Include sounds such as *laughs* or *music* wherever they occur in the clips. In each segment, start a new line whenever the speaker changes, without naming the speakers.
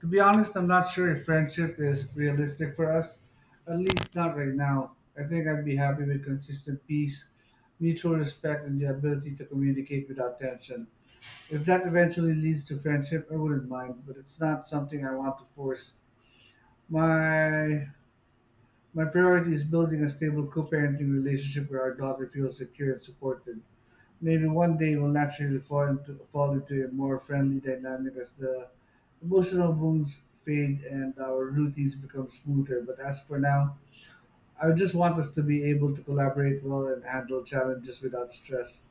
To be honest, I'm not sure if friendship is realistic for us, at least not right now. I think I'd be happy with consistent peace, mutual respect, and the ability to communicate without tension. If that eventually leads to friendship, I wouldn't mind, but it's not something I want to force. My my priority is building a stable co-parenting relationship where our daughter feels secure and supported. Maybe one day will naturally fall into a more friendly dynamic as the emotional wounds fade and our routines become smoother. But as for now, I just want us to be able to collaborate well and handle challenges without stress.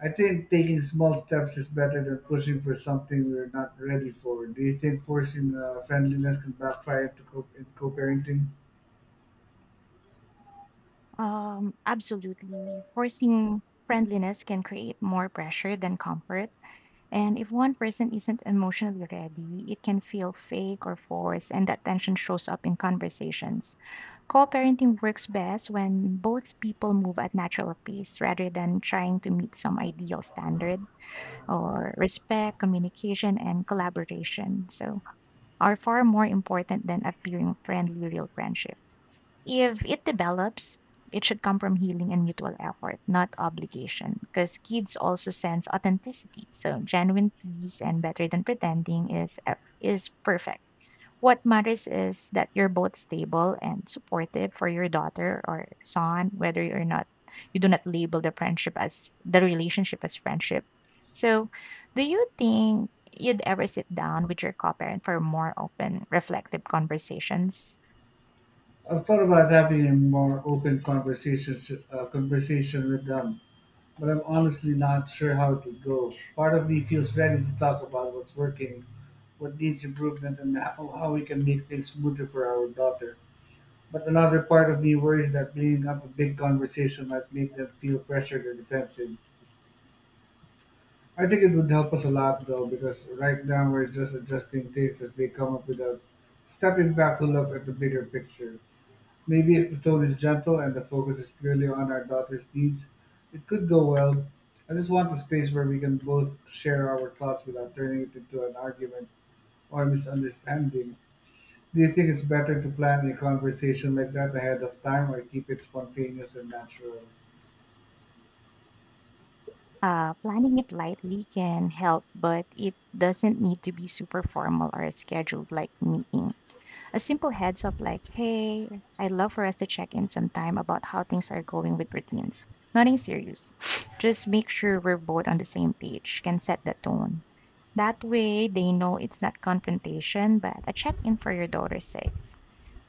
I think taking small steps is better than pushing for something we're not ready for. Do you think forcing friendliness can backfire in co-parenting?
Absolutely. Forcing friendliness can create more pressure than comfort. And if one person isn't emotionally ready, it can feel fake or forced, and that tension shows up in conversations. Co parenting works best when both people move at natural pace rather than trying to meet some ideal standard, or respect, communication, and collaboration. So, are far more important than appearing friendly, real friendship. If it develops, it should come from healing and mutual effort, not obligation, because kids also sense authenticity. So genuine peace and better than pretending is perfect. What matters is that you're both stable and supportive for your daughter or son, whether you're not you do not label the friendship as the relationship as friendship. So, do you think you'd ever sit down with your co-parent for more open, reflective conversations?
I've thought about having a more open conversation with them, but I'm honestly not sure how it would go. Part of me feels ready to talk about what's working, what needs improvement, and how we can make things smoother for our daughter. But another part of me worries that bringing up a big conversation might make them feel pressured or defensive. I think it would help us a lot though, because right now we're just adjusting things as they come up without stepping back to look at the bigger picture. Maybe if the tone is gentle and the focus is purely on our daughter's needs, it could go well. I just want a space where we can both share our thoughts without turning it into an argument or misunderstanding. Do you think it's better to plan a conversation like that ahead of time or keep it spontaneous and natural?
Planning it lightly can help, but it doesn't need to be super formal or scheduled like meeting. A simple heads up like, hey, I'd love for us to check in sometime about how things are going with routines. Nothing serious. *laughs* *sniffs* Just make sure we're both on the same page, can set the tone. That way, they know it's not confrontation, but a check in for your daughter's sake.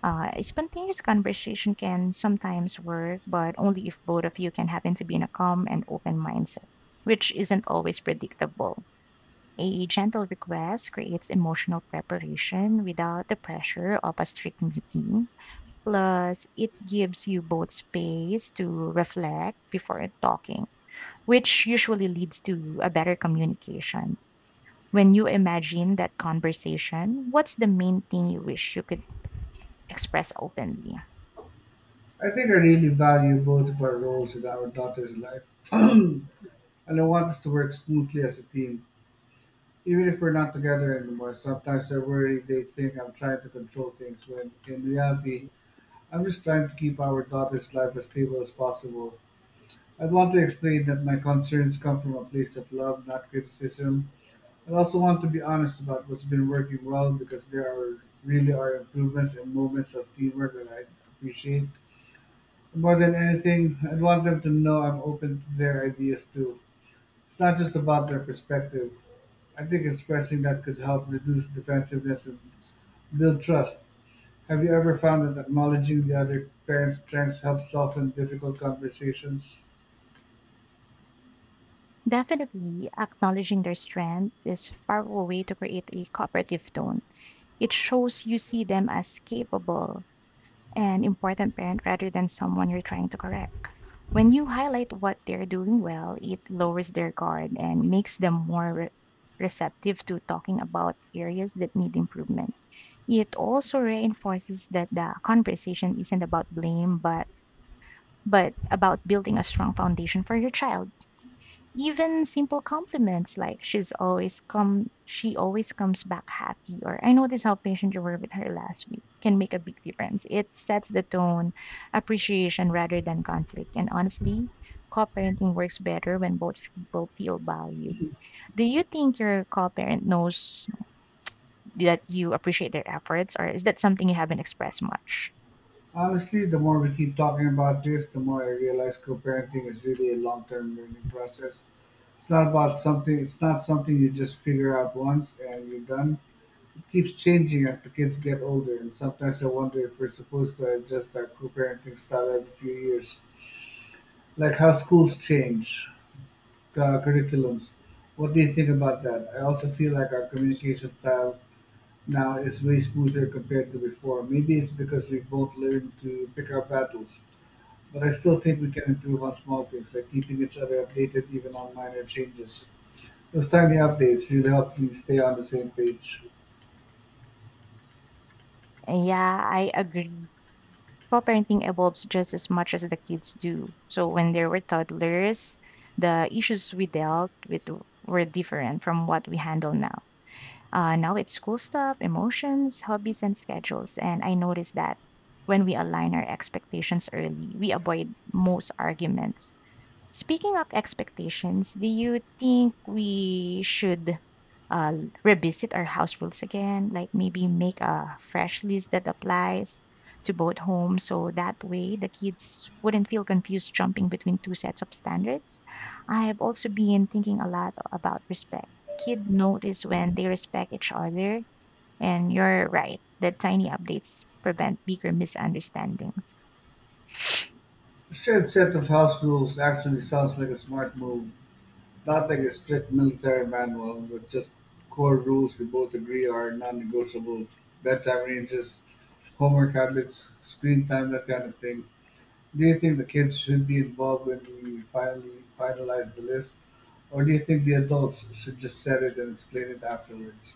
A spontaneous conversation can sometimes work, but only if both of you can happen to be in a calm and open mindset, which isn't always predictable. A gentle request creates emotional preparation without the pressure of a strict meeting. Plus, it gives you both space to reflect before talking, which usually leads to a better communication. When you imagine that conversation, what's the main thing you wish you could express openly?
I think I really value both of our roles in our daughter's life. *clears throat* And I want us to work smoothly as a team. Even if we're not together anymore, sometimes I worry they think I'm trying to control things when in reality I'm just trying to keep our daughter's life as stable as possible. I want to explain that my concerns come from a place of love, not criticism. I also want to be honest about what's been working well, because there are really are improvements and moments of teamwork that I appreciate. More than anything, I want them to know I'm open to their ideas too. It's not just about their perspective. I think expressing that could help reduce defensiveness and build trust. Have you ever found that acknowledging the other parent's strengths helps soften difficult conversations?
Definitely, acknowledging their strength is a powerful way to create a cooperative tone. It shows you see them as capable and important parent rather than someone you're trying to correct. When you highlight what they're doing well, it lowers their guard and makes them more receptive to talking about areas that need improvement. It also reinforces that the conversation isn't about blame, but about building a strong foundation for your child. Even simple compliments like she always comes back happy or I noticed how patient you were with her last week can make a big difference. It sets the tone, appreciation rather than conflict. And honestly, co-parenting works better when both people feel valued. Do you think your co-parent knows that you appreciate their efforts or is that something you haven't expressed much?
Honestly, the more we keep talking about this, the more I realize co-parenting is really a long-term learning process. It's not about something. It's not something you just figure out once and you're done. It keeps changing as the kids get older, and sometimes I wonder if we're supposed to adjust our co-parenting style every few years, like how schools change curriculums. What do you think about that? I also feel like our communication style now it's way smoother compared to before. Maybe it's because we both learned to pick our battles, but I still think we can improve on small things like keeping each other updated even on minor changes. Those tiny updates really help me stay on the same page.
Yeah, I agree. Co-parenting evolves just as much as the kids do. So when they were toddlers, the issues we dealt with were different from what we handle now. Now it's school stuff, emotions, hobbies, and schedules. And I noticed that when we align our expectations early, we avoid most arguments. Speaking of expectations, do you think we should uh, revisit our house rules again, like maybe make a fresh list that applies to both homes. So that way the kids wouldn't feel confused jumping between two sets of standards. I have also been thinking a lot about respect. Kid notice when they respect each other. And you're right, the tiny updates prevent bigger misunderstandings.
A shared set of house rules actually sounds like a smart move, not like a strict military manual but just core rules we both agree are non negotiable: bedtime ranges, homework habits, screen time, that kind of thing. Do you think the kids should be involved when we finally finalize the list, or do you think the adults should just set it and explain it afterwards?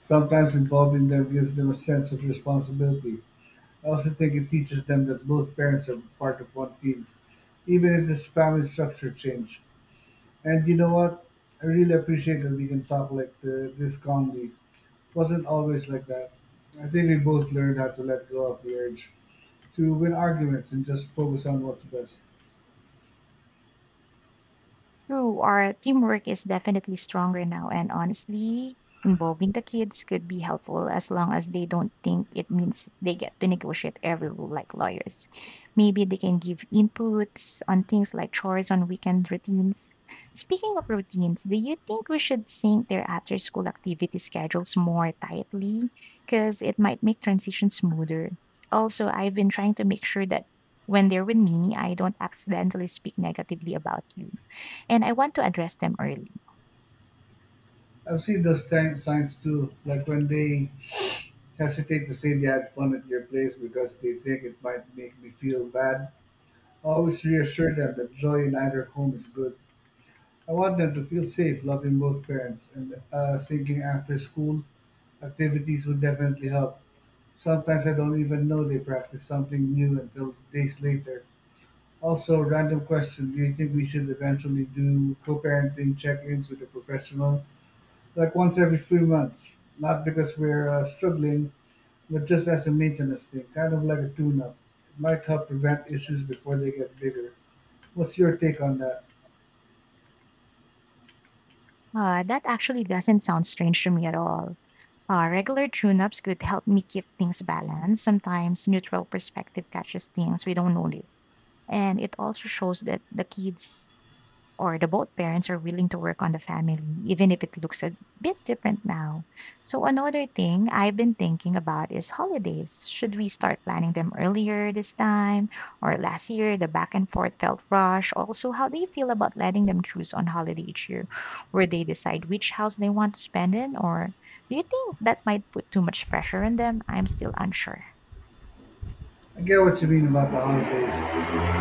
Sometimes involving them gives them a sense of responsibility. I also think it teaches them that both parents are part of one team, even if this family structure change. And you know what? I really appreciate that we can talk like this calmly. Wasn't always like that. I think we both learned how to let go of the urge to win arguments and just focus on what's best.
True, our teamwork is definitely stronger now, and honestly, involving the kids could be helpful as long as they don't think it means they get to negotiate every rule like lawyers. Maybe they can give inputs on things like chores on weekend routines. Speaking of routines, do you think we should sync their after school activity schedules more tightly? Because it might make transition smoother. Also, I've been trying to make sure that when they're with me, I don't accidentally speak negatively about you and I want to address them early.
I've seen those time signs too, like when they hesitate to say they had fun at your place because they think it might make me feel bad. I always reassure them that joy in either home is good. I want them to feel safe loving both parents, and thinking after school activities would definitely help. Sometimes I don't even know they practice something new until days later. Also, random question: do you think we should eventually do co parenting check ins with a professional? Like once every few months. Not because we're struggling, but just as a maintenance thing, kind of like a tune-up. It might help prevent issues before they get bigger. What's your take on that?
That actually doesn't sound strange to me at all. Regular tune ups could help me keep things balanced. Sometimes neutral perspective catches things we don't notice. And it also shows that the kids or the both parents are willing to work on the family, even if it looks a bit different now. So, another thing I've been thinking about is holidays. Should we start planning them earlier this time or last year? The back and forth felt rush. Also, how do you feel about letting them choose on holiday each year where they decide which house they want to spend in? Or do you think that might put too much pressure on them? I'm still unsure.
I get what you mean about the holidays.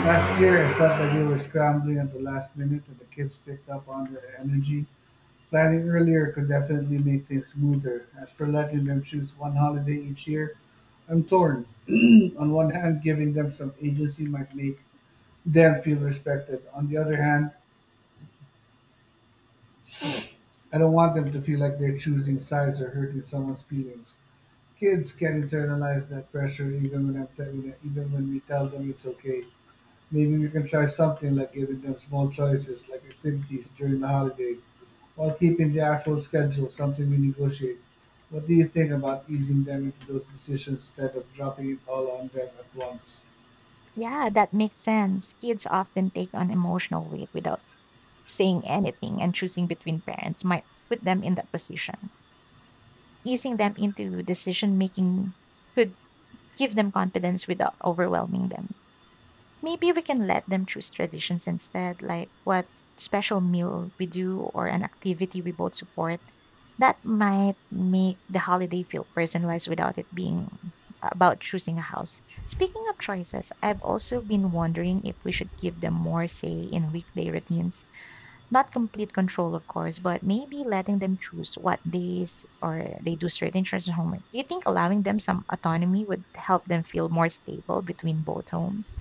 Last year, I felt like we were scrambling at the last minute, and the kids picked up on the energy. Planning earlier could definitely make things smoother. As for letting them choose one holiday each year, I'm torn. *clears throat* On one hand, giving them some agency might make them feel respected. On the other hand, I don't want them to feel like they're choosing sides or hurting someone's feelings. Kids can internalize that pressure even when we tell them it's okay. Maybe we can try something like giving them small choices like activities during the holiday, while keeping the actual schedule something we negotiate. What do you think about easing them into those decisions instead of dropping it all on them at once?
Yeah, that makes sense. Kids often take on emotional weight without saying anything and choosing between parents might put them in that position. Easing them into decision making could give them confidence without overwhelming them. Maybe we can let them choose traditions instead, like what special meal we do or an activity we both support. That might make the holiday feel personalized without it being about choosing a house. Speaking of choices, I've also been wondering if we should give them more say in weekday routines not complete control, of course, but maybe letting them choose what days or they do certain chores and homework. Do you think allowing them some autonomy would help them feel more stable between both homes?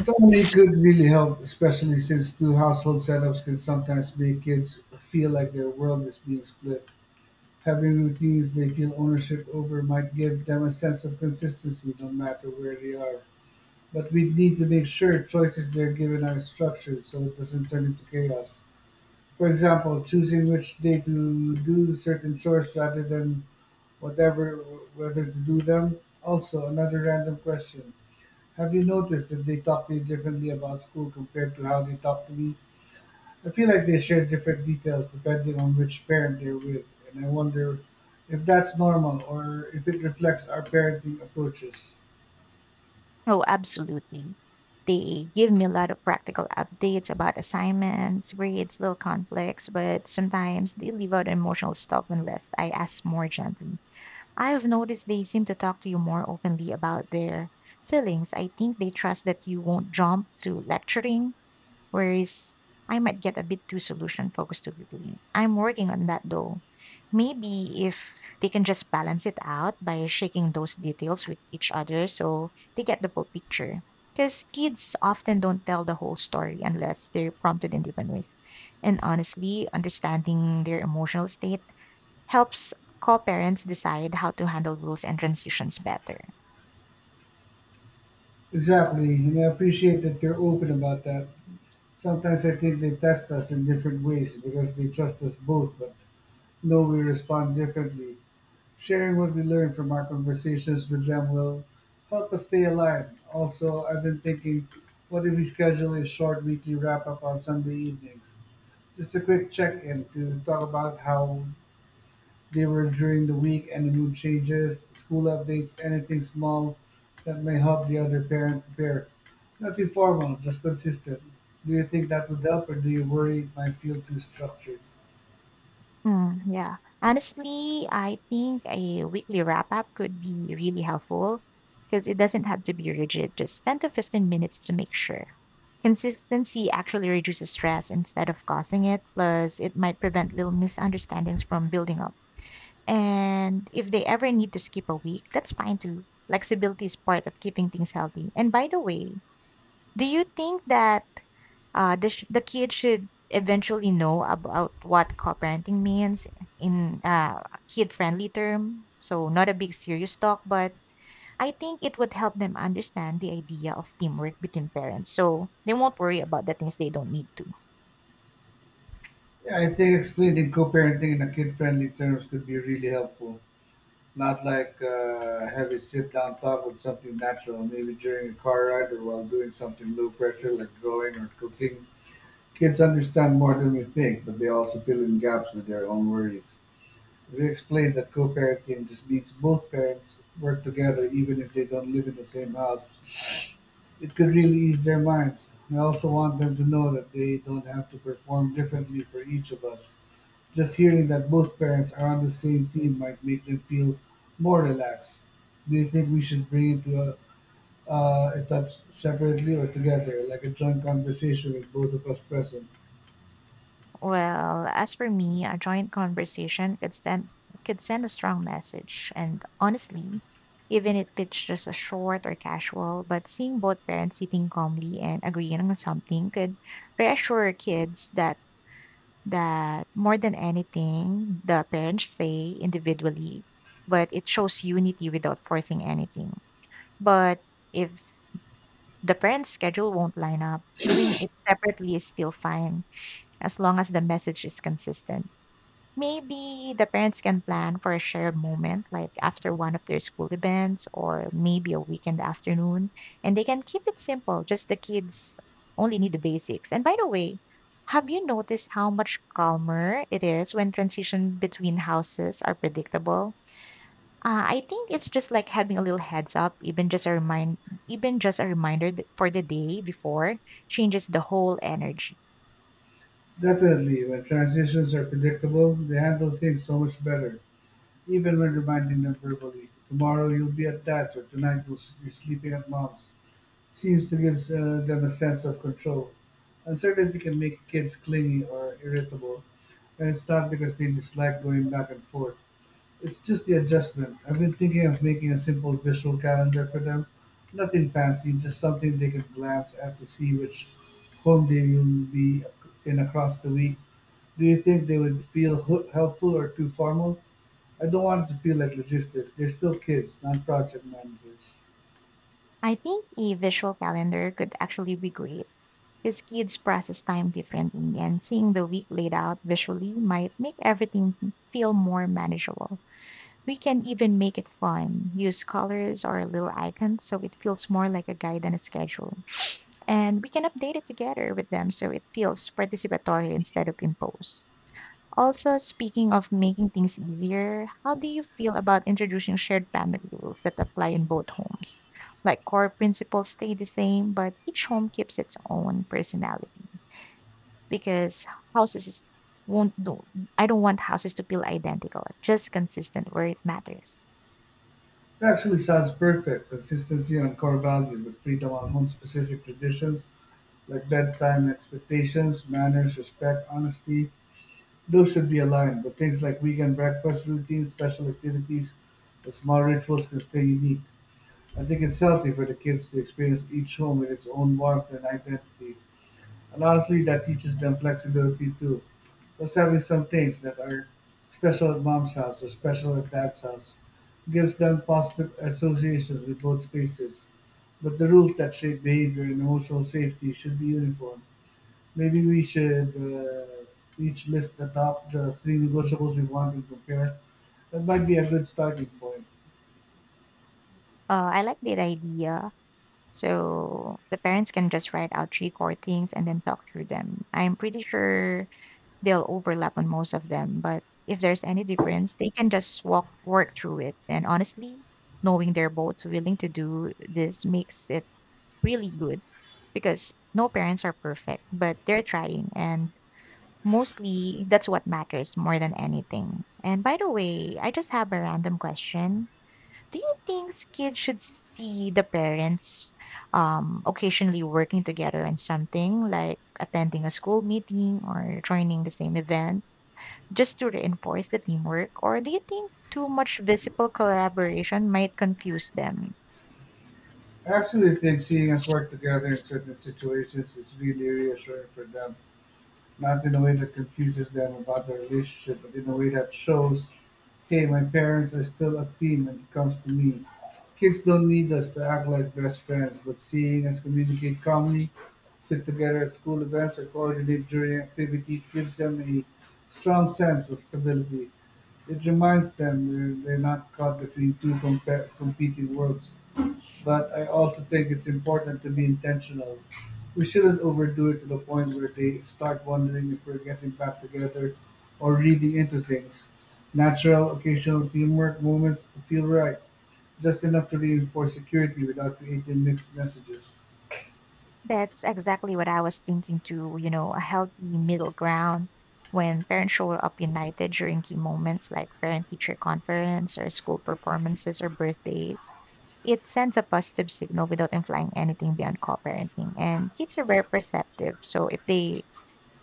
Autonomy could really help, especially since two household setups can sometimes make kids feel like their world is being split. Having routines they feel ownership over might give them a sense of consistency no matter where they are. But we need to make sure choices they're given are structured so it doesn't turn into chaos. For example, choosing which day to do certain chores rather than whatever whether to do them. Also, another random question. Have you noticed that they talk to you differently about school compared to how they talk to me? I feel like they share different details depending on which parent they're with, and I wonder if that's normal or if it reflects our parenting approaches.
Oh, absolutely. They give me a lot of practical updates about assignments, grades, little conflicts, but sometimes they leave out emotional stuff unless I ask more gently. I have noticed they seem to talk to you more openly about their feelings. I think they trust that you won't jump to lecturing whereas I might get a bit too solution focused too quickly. I'm working on that though. Maybe if they can just balance it out by shaking those details with each other so they get the full picture. Because kids often don't tell the whole story unless they're prompted in different ways. And honestly, understanding their emotional state helps co parents decide how to handle rules and transitions better.
Exactly, and I appreciate that you're open about that. Sometimes I think they test us in different ways because they trust us both, but know we respond differently. Sharing what we learn from our conversations with them will help us stay aligned. Also, I've been thinking, what if we schedule a short weekly wrap up on Sunday evenings? Just a quick check-in to talk about how they were during the week, any mood changes, school updates, anything small that may help the other parent prepare. Nothing formal, just consistent. Do you think that would help, or do you worry it might feel too structured?
Hmm, yeah. Honestly, I think a weekly wrap up could be really helpful because it doesn't have to be rigid, just 10 to 15 minutes to make sure. Consistency actually reduces stress instead of causing it, plus, it might prevent little misunderstandings from building up. And if they ever need to skip a week, that's fine too. Flexibility is part of keeping things healthy. And by the way, do you think that the kid should eventually know about what co-parenting means in a kid-friendly term. So not a big serious talk, but I think it would help them understand the idea of teamwork between parents. So they won't worry about the things they don't need to.
Yeah, I think explaining co-parenting in a kid-friendly terms could be really helpful. Not like have a sit-down talk with something natural, maybe during a car ride or while doing something low pressure like drawing or cooking. Kids understand more than we think, but they also fill in gaps with their own worries. We explained that co-parenting just means both parents work together even if they don't live in the same house. It could really ease their minds. I also want them to know that they don't have to perform differently for each of us. Just hearing that both parents are on the same team might make them feel more relaxed. Do you think we should bring it to a it up separately or together, like a joint conversation with both of us present?
Well, as for me, a joint conversation could send a strong message. And honestly, even if it's just a short or casual, but seeing both parents sitting calmly and agreeing on something could reassure kids that more than anything, the parents say individually, but it shows unity without forcing anything. But if the parents' schedule won't line up, doing it separately is still fine as long as the message is consistent. Maybe the parents can plan for a shared moment, like after one of their school events or maybe a weekend afternoon. And they can keep it simple, just the kids only need the basics. And by the way, have you noticed how much calmer it is when transition between houses are predictable? I think it's just like having a little heads up, even just a reminder for the day before changes the whole energy.
Definitely, when transitions are predictable, they handle things so much better, even when reminding them verbally. Tomorrow you'll be at that, or tonight you're sleeping at mom's. Seems to give them a sense of control. Uncertainty can make kids clingy or irritable, and it's not because they dislike going back and forth. It's just the adjustment. I've been thinking of making a simple visual calendar for them. Nothing fancy, just something they can glance at to see which home they will be in across the week. Do you think they would feel helpful or too formal? I don't want it to feel like logistics. They're still kids, not project managers.
I think a visual calendar could actually be great because kids process time differently, and seeing the week laid out visually might make everything feel more manageable. We can even make it fun, use colors or little icons so it feels more like a guide than a schedule. And we can update it together with them so it feels participatory instead of imposed. Also, speaking of making things easier, how do you feel about introducing shared family rules that apply in both homes? Like core principles stay the same, but each home keeps its own personality because houses won't do I don't want houses to feel identical, just consistent where it matters.
It actually sounds perfect. Consistency on core values, but freedom on home specific traditions like bedtime expectations, manners, respect, honesty. Those should be aligned, but things like weekend breakfast routines, special activities, or small rituals can stay unique. I think it's healthy for the kids to experience each home with its own warmth and identity. And honestly, that teaches them flexibility too. Plus, having some things that are special at mom's house or special at dad's house gives them positive associations with both spaces. But the rules that shape behavior and emotional safety should be uniform. Maybe we should each list the three negotiables we want to compare. That might be a good starting point.
I like that idea. So the parents can just write out three core things and then talk through them. I'm pretty sure they'll overlap on most of them, but if there's any difference, they can just walk work through it. And honestly, knowing they're both willing to do this makes it really good because no parents are perfect, but they're trying and mostly, that's what matters more than anything. And by the way, I just have a random question. Do you think kids should see the parents occasionally working together on something like attending a school meeting or joining the same event just to reinforce the teamwork? Or do you think too much visible collaboration might confuse them?
I actually think seeing us work together in certain situations is really reassuring for them. Not in a way that confuses them about their relationship, but in a way that shows, hey, my parents are still a team when it comes to me. Kids don't need us to act like best friends, but seeing us communicate calmly, sit together at school events, or coordinate during activities gives them a strong sense of stability. It reminds them they're not caught between two competing worlds. But I also think it's important to be intentional. We shouldn't overdo it to the point where they start wondering if we're getting back together or reading into things. Natural, occasional teamwork moments feel right, just enough to reinforce security without creating mixed messages.
That's exactly what I was thinking too, you know, a healthy middle ground when parents show up united during key moments like parent teacher conference or school performances or birthdays. It sends a positive signal without implying anything beyond co-parenting. And kids are very perceptive. So if they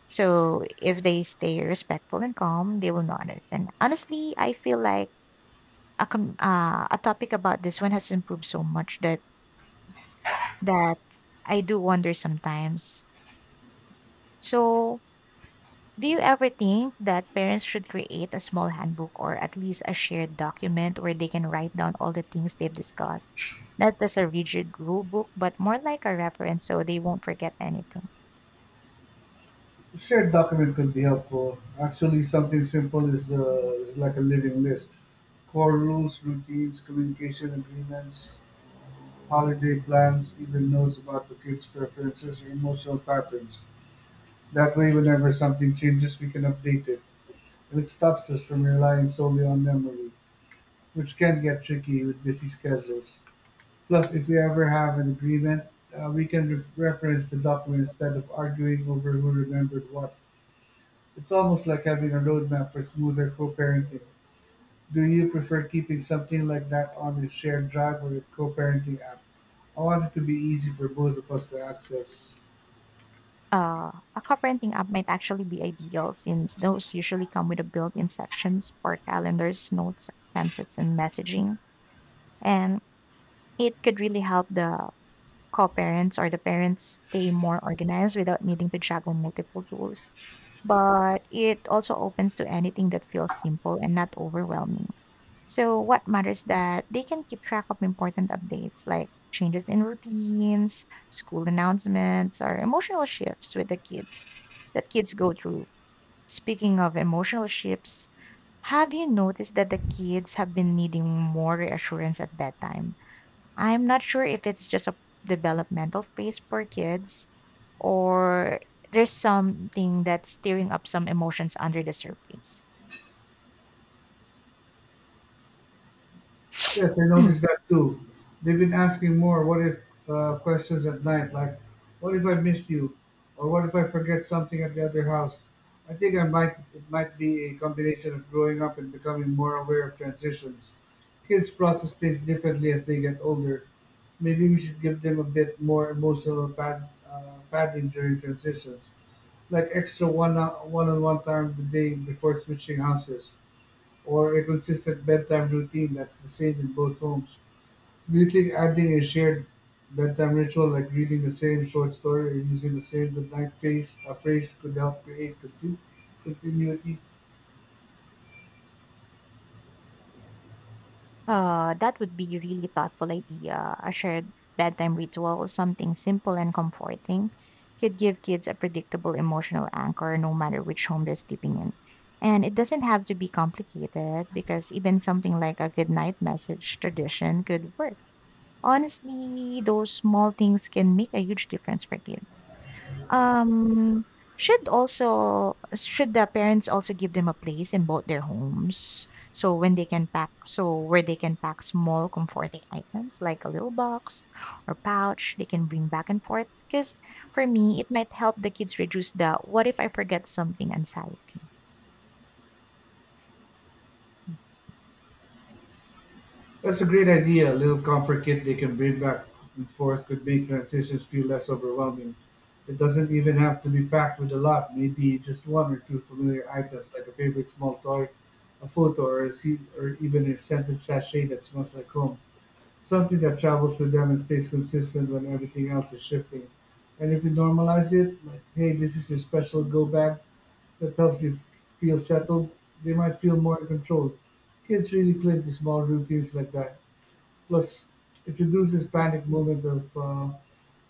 so if they stay respectful and calm, they will notice. And honestly, I feel like a topic about this one has improved so much that I do wonder sometimes. So, do you ever think that parents should create a small handbook or at least a shared document where they can write down all the things they've discussed? Not as a rigid rule book, but more like a reference so they won't forget anything.
A shared document could be helpful. Actually, something simple is like a living list: core rules, routines, communication agreements, holiday plans, even knows about the kids' preferences or emotional patterns. That way, whenever something changes, we can update it, and it stops us from relying solely on memory, which can get tricky with busy schedules. Plus, if we ever have an agreement, we can reference the document instead of arguing over who remembered what. It's almost like having a roadmap for smoother co parenting. Do you prefer keeping something like that on a shared drive or a co-parenting app? I want it to be easy for both of us to access.
A co-parenting app might actually be ideal since those usually come with a built-in sections for calendars, notes, expenses, and messaging. And it could really help the co-parents or the parents stay more organized without needing to juggle multiple roles. But it also opens to anything that feels simple and not overwhelming. So what matters that they can keep track of important updates like changes in routines, school announcements, or emotional shifts with the kids that kids go through. Speaking of emotional shifts, have you noticed that the kids have been needing more reassurance at bedtime? I'm not sure if it's just a developmental phase for kids, or there's something that's stirring up some emotions under the surface.
Yes, I noticed that too. They've been asking more what if questions at night, like, what if I miss you? Or what if I forget something at the other house? I think I might it might be a combination of growing up and becoming more aware of transitions. Kids process things differently as they get older. Maybe we should give them a bit more emotional padding during transitions, like extra one on one time the day before switching houses or a consistent bedtime routine that's the same in both homes. Do you think adding a shared bedtime ritual like reading the same short story or using the same goodnight phrase could help create continuity?
That would be a really thoughtful idea. A shared bedtime ritual or something simple and comforting could give kids a predictable emotional anchor no matter which home they're sleeping in. And it doesn't have to be complicated, because even something like a good night message tradition could work. Honestly, those small things can make a huge difference for kids. Um, should the parents also give them a place in both their homes so where they can pack small comforting items like a little box or pouch they can bring back and forth, because for me it might help the kids reduce the what if I forget something anxiety.
That's a great idea. A little comfort kit they can bring back and forth could make transitions feel less overwhelming. It doesn't even have to be packed with a lot, maybe just one or two familiar items like a favorite small toy, a photo, or a seat, or even a scented sachet that smells like home. Something that travels with them and stays consistent when everything else is shifting. And if you normalize it, like, hey, this is your special
Hmm.
go bag that helps you feel settled, they might feel more in control. Kids really cling to small routines like that. Plus, it reduces panic moment of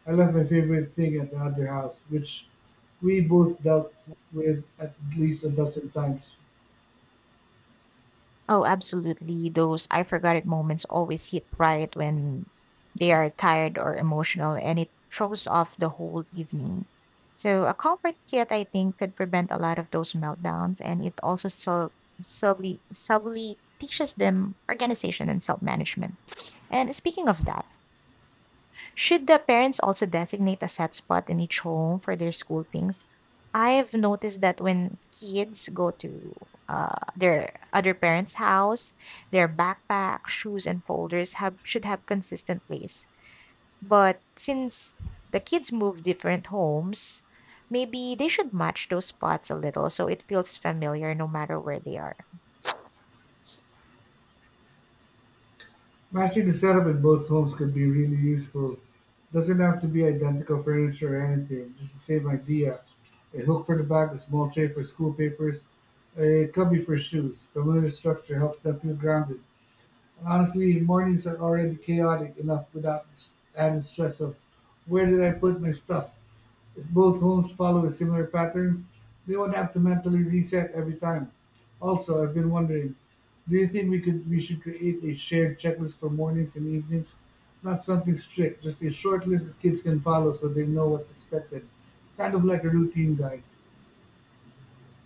I left my favorite thing at the other house, which we both dealt with at least a dozen times.
Oh, absolutely. Those I forgot it moments always hit right when they are tired or emotional, and it throws off the whole evening. So, a comfort kit, I think, could prevent a lot of those meltdowns, and it also subtly teaches them organization and self management. And speaking of that, should the parents also designate a set spot in each home for their school things? I've noticed that when kids go to their other parents' house, their backpack, shoes, and folders have should have consistent place. But since the kids move different homes, maybe they should match those spots a little so it feels familiar no matter where they are.
Matching the setup in both homes could be really useful. Doesn't have to be identical furniture or anything, just the same idea. A hook for the bag, a small tray for school papers, a cubby for shoes. Familiar structure helps them feel grounded. And honestly, mornings are already chaotic enough without the added stress of where did I put my stuff? If both homes follow a similar pattern, they won't have to mentally reset every time. Also, I've been wondering, do you think we should create a shared checklist for mornings and evenings? Not something strict, just a short list that kids can follow so they know what's expected. Kind of like a routine guide.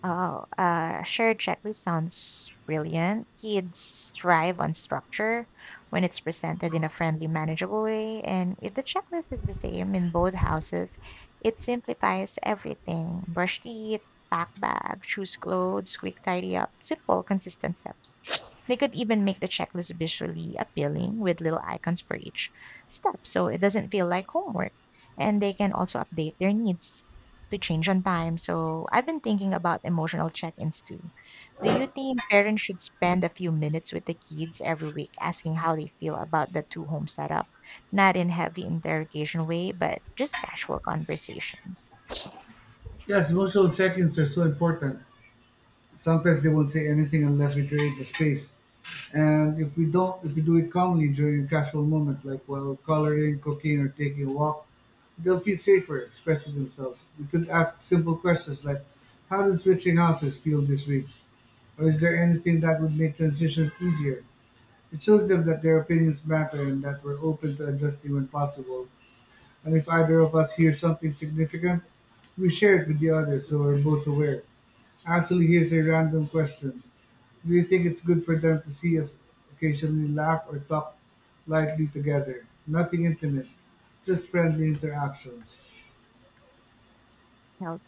Oh, Shared checklist sounds brilliant. Kids thrive on structure when it's presented in a friendly, manageable way. And if the checklist is the same in both houses, it simplifies everything. Brush teeth, pack bag, choose clothes, quick tidy up, simple, consistent steps. They could even make the checklist visually appealing with little icons for each step so it doesn't feel like homework. And they can also update their needs to change on time. So I've been thinking about emotional check ins too. Do you think parents should spend a few minutes with the kids every week asking how they feel about the two home setup? Not in heavy interrogation way, but just casual conversations.
Yes, emotional check-ins are so important. Sometimes they won't say anything unless we create the space. And if we do it calmly during a casual moment, like while coloring, cooking, or taking a walk, they'll feel safer expressing themselves. We could ask simple questions like, how did switching houses feel this week? Or is there anything that would make transitions easier? It shows them that their opinions matter and that we're open to adjusting when possible. And if either of us hears something significant, we share it with the other so we're both aware. Actually, here's a random question: do you think it's good for them to see us occasionally laugh or talk lightly together? Nothing intimate, just friendly interactions.
Healthy.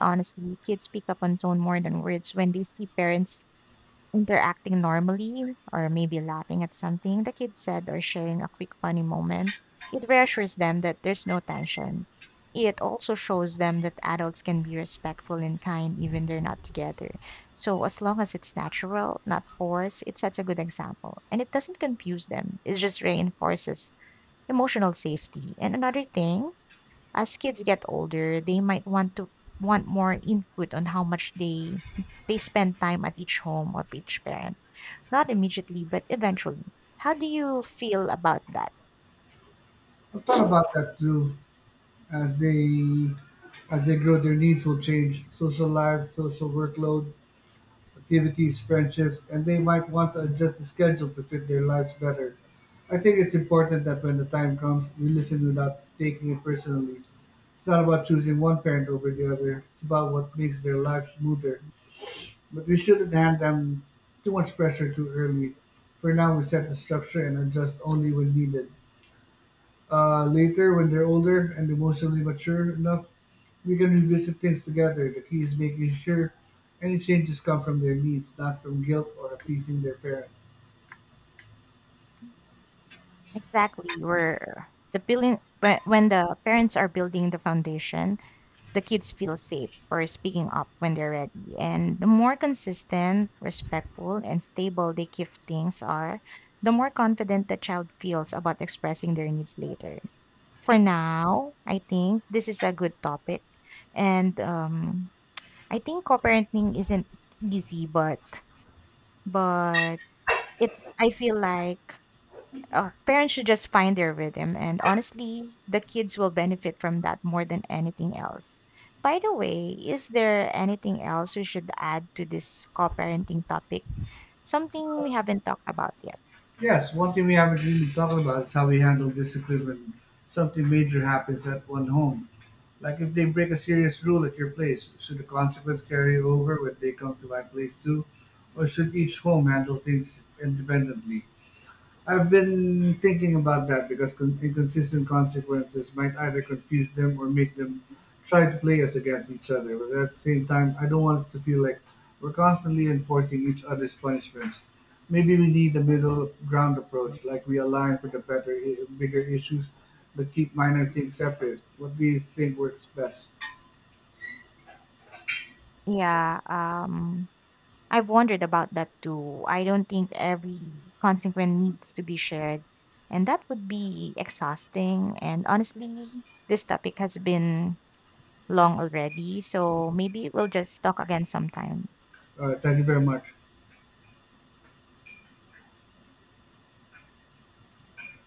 Honestly, kids pick up on tone more than words. When they see parents interacting normally, or maybe laughing at something the kid said or sharing a quick funny moment, it reassures them that there's no tension. It also shows them that adults can be respectful and kind even they're not together. So as long as it's natural, not forced, it sets a good example and it doesn't confuse them. It just reinforces emotional safety. And another thing, as kids get older, they might want more input on how much they spend time at each home of each parent, not immediately, but eventually. How do you feel about that?
I've thought about that too. As they as they grow, their needs will change. Social lives, social workload, activities, friendships, and they might want to adjust the schedule to fit their lives better. I think it's important that when the time comes, we listen without taking it personally. It's not about choosing one parent over the other. It's about what makes their life smoother. But we shouldn't hand them too much pressure too early. For now, we set the structure and adjust only when needed. Later, when they're older and emotionally mature enough, we can revisit things together. The key is making sure any changes come from their needs, not from guilt or appeasing their parents.
Exactly, where the building when the parents are building the foundation, the kids feel safe for speaking up when they're ready. And the more consistent, respectful, and stable they give things are, the more confident the child feels about expressing their needs later. For now, I think this is a good topic, and I think co-parenting isn't easy, but It's I feel like parents should just find their rhythm, and honestly, the kids will benefit from that more than anything else. By the way, is there anything else we should add to this co-parenting topic? Something we haven't talked about yet.
Yes, one thing we haven't really talked about is how we handle discipline when something major happens at one home. Like if they break a serious rule at your place, should the consequence carry over when they come to my place too? Or should each home handle things independently? I've been thinking about that because inconsistent consequences might either confuse them or make them try to play us against each other. But at the same time, I don't want us to feel like we're constantly enforcing each other's punishments. Maybe we need a middle ground approach, like we align for the bigger issues, but keep minor things separate. What do you think works best?
Yeah, I've wondered about that too. I don't think every consequence needs to be shared, and that would be exhausting. And honestly, this topic has been long already, so maybe we'll just talk again sometime.
Thank you very much.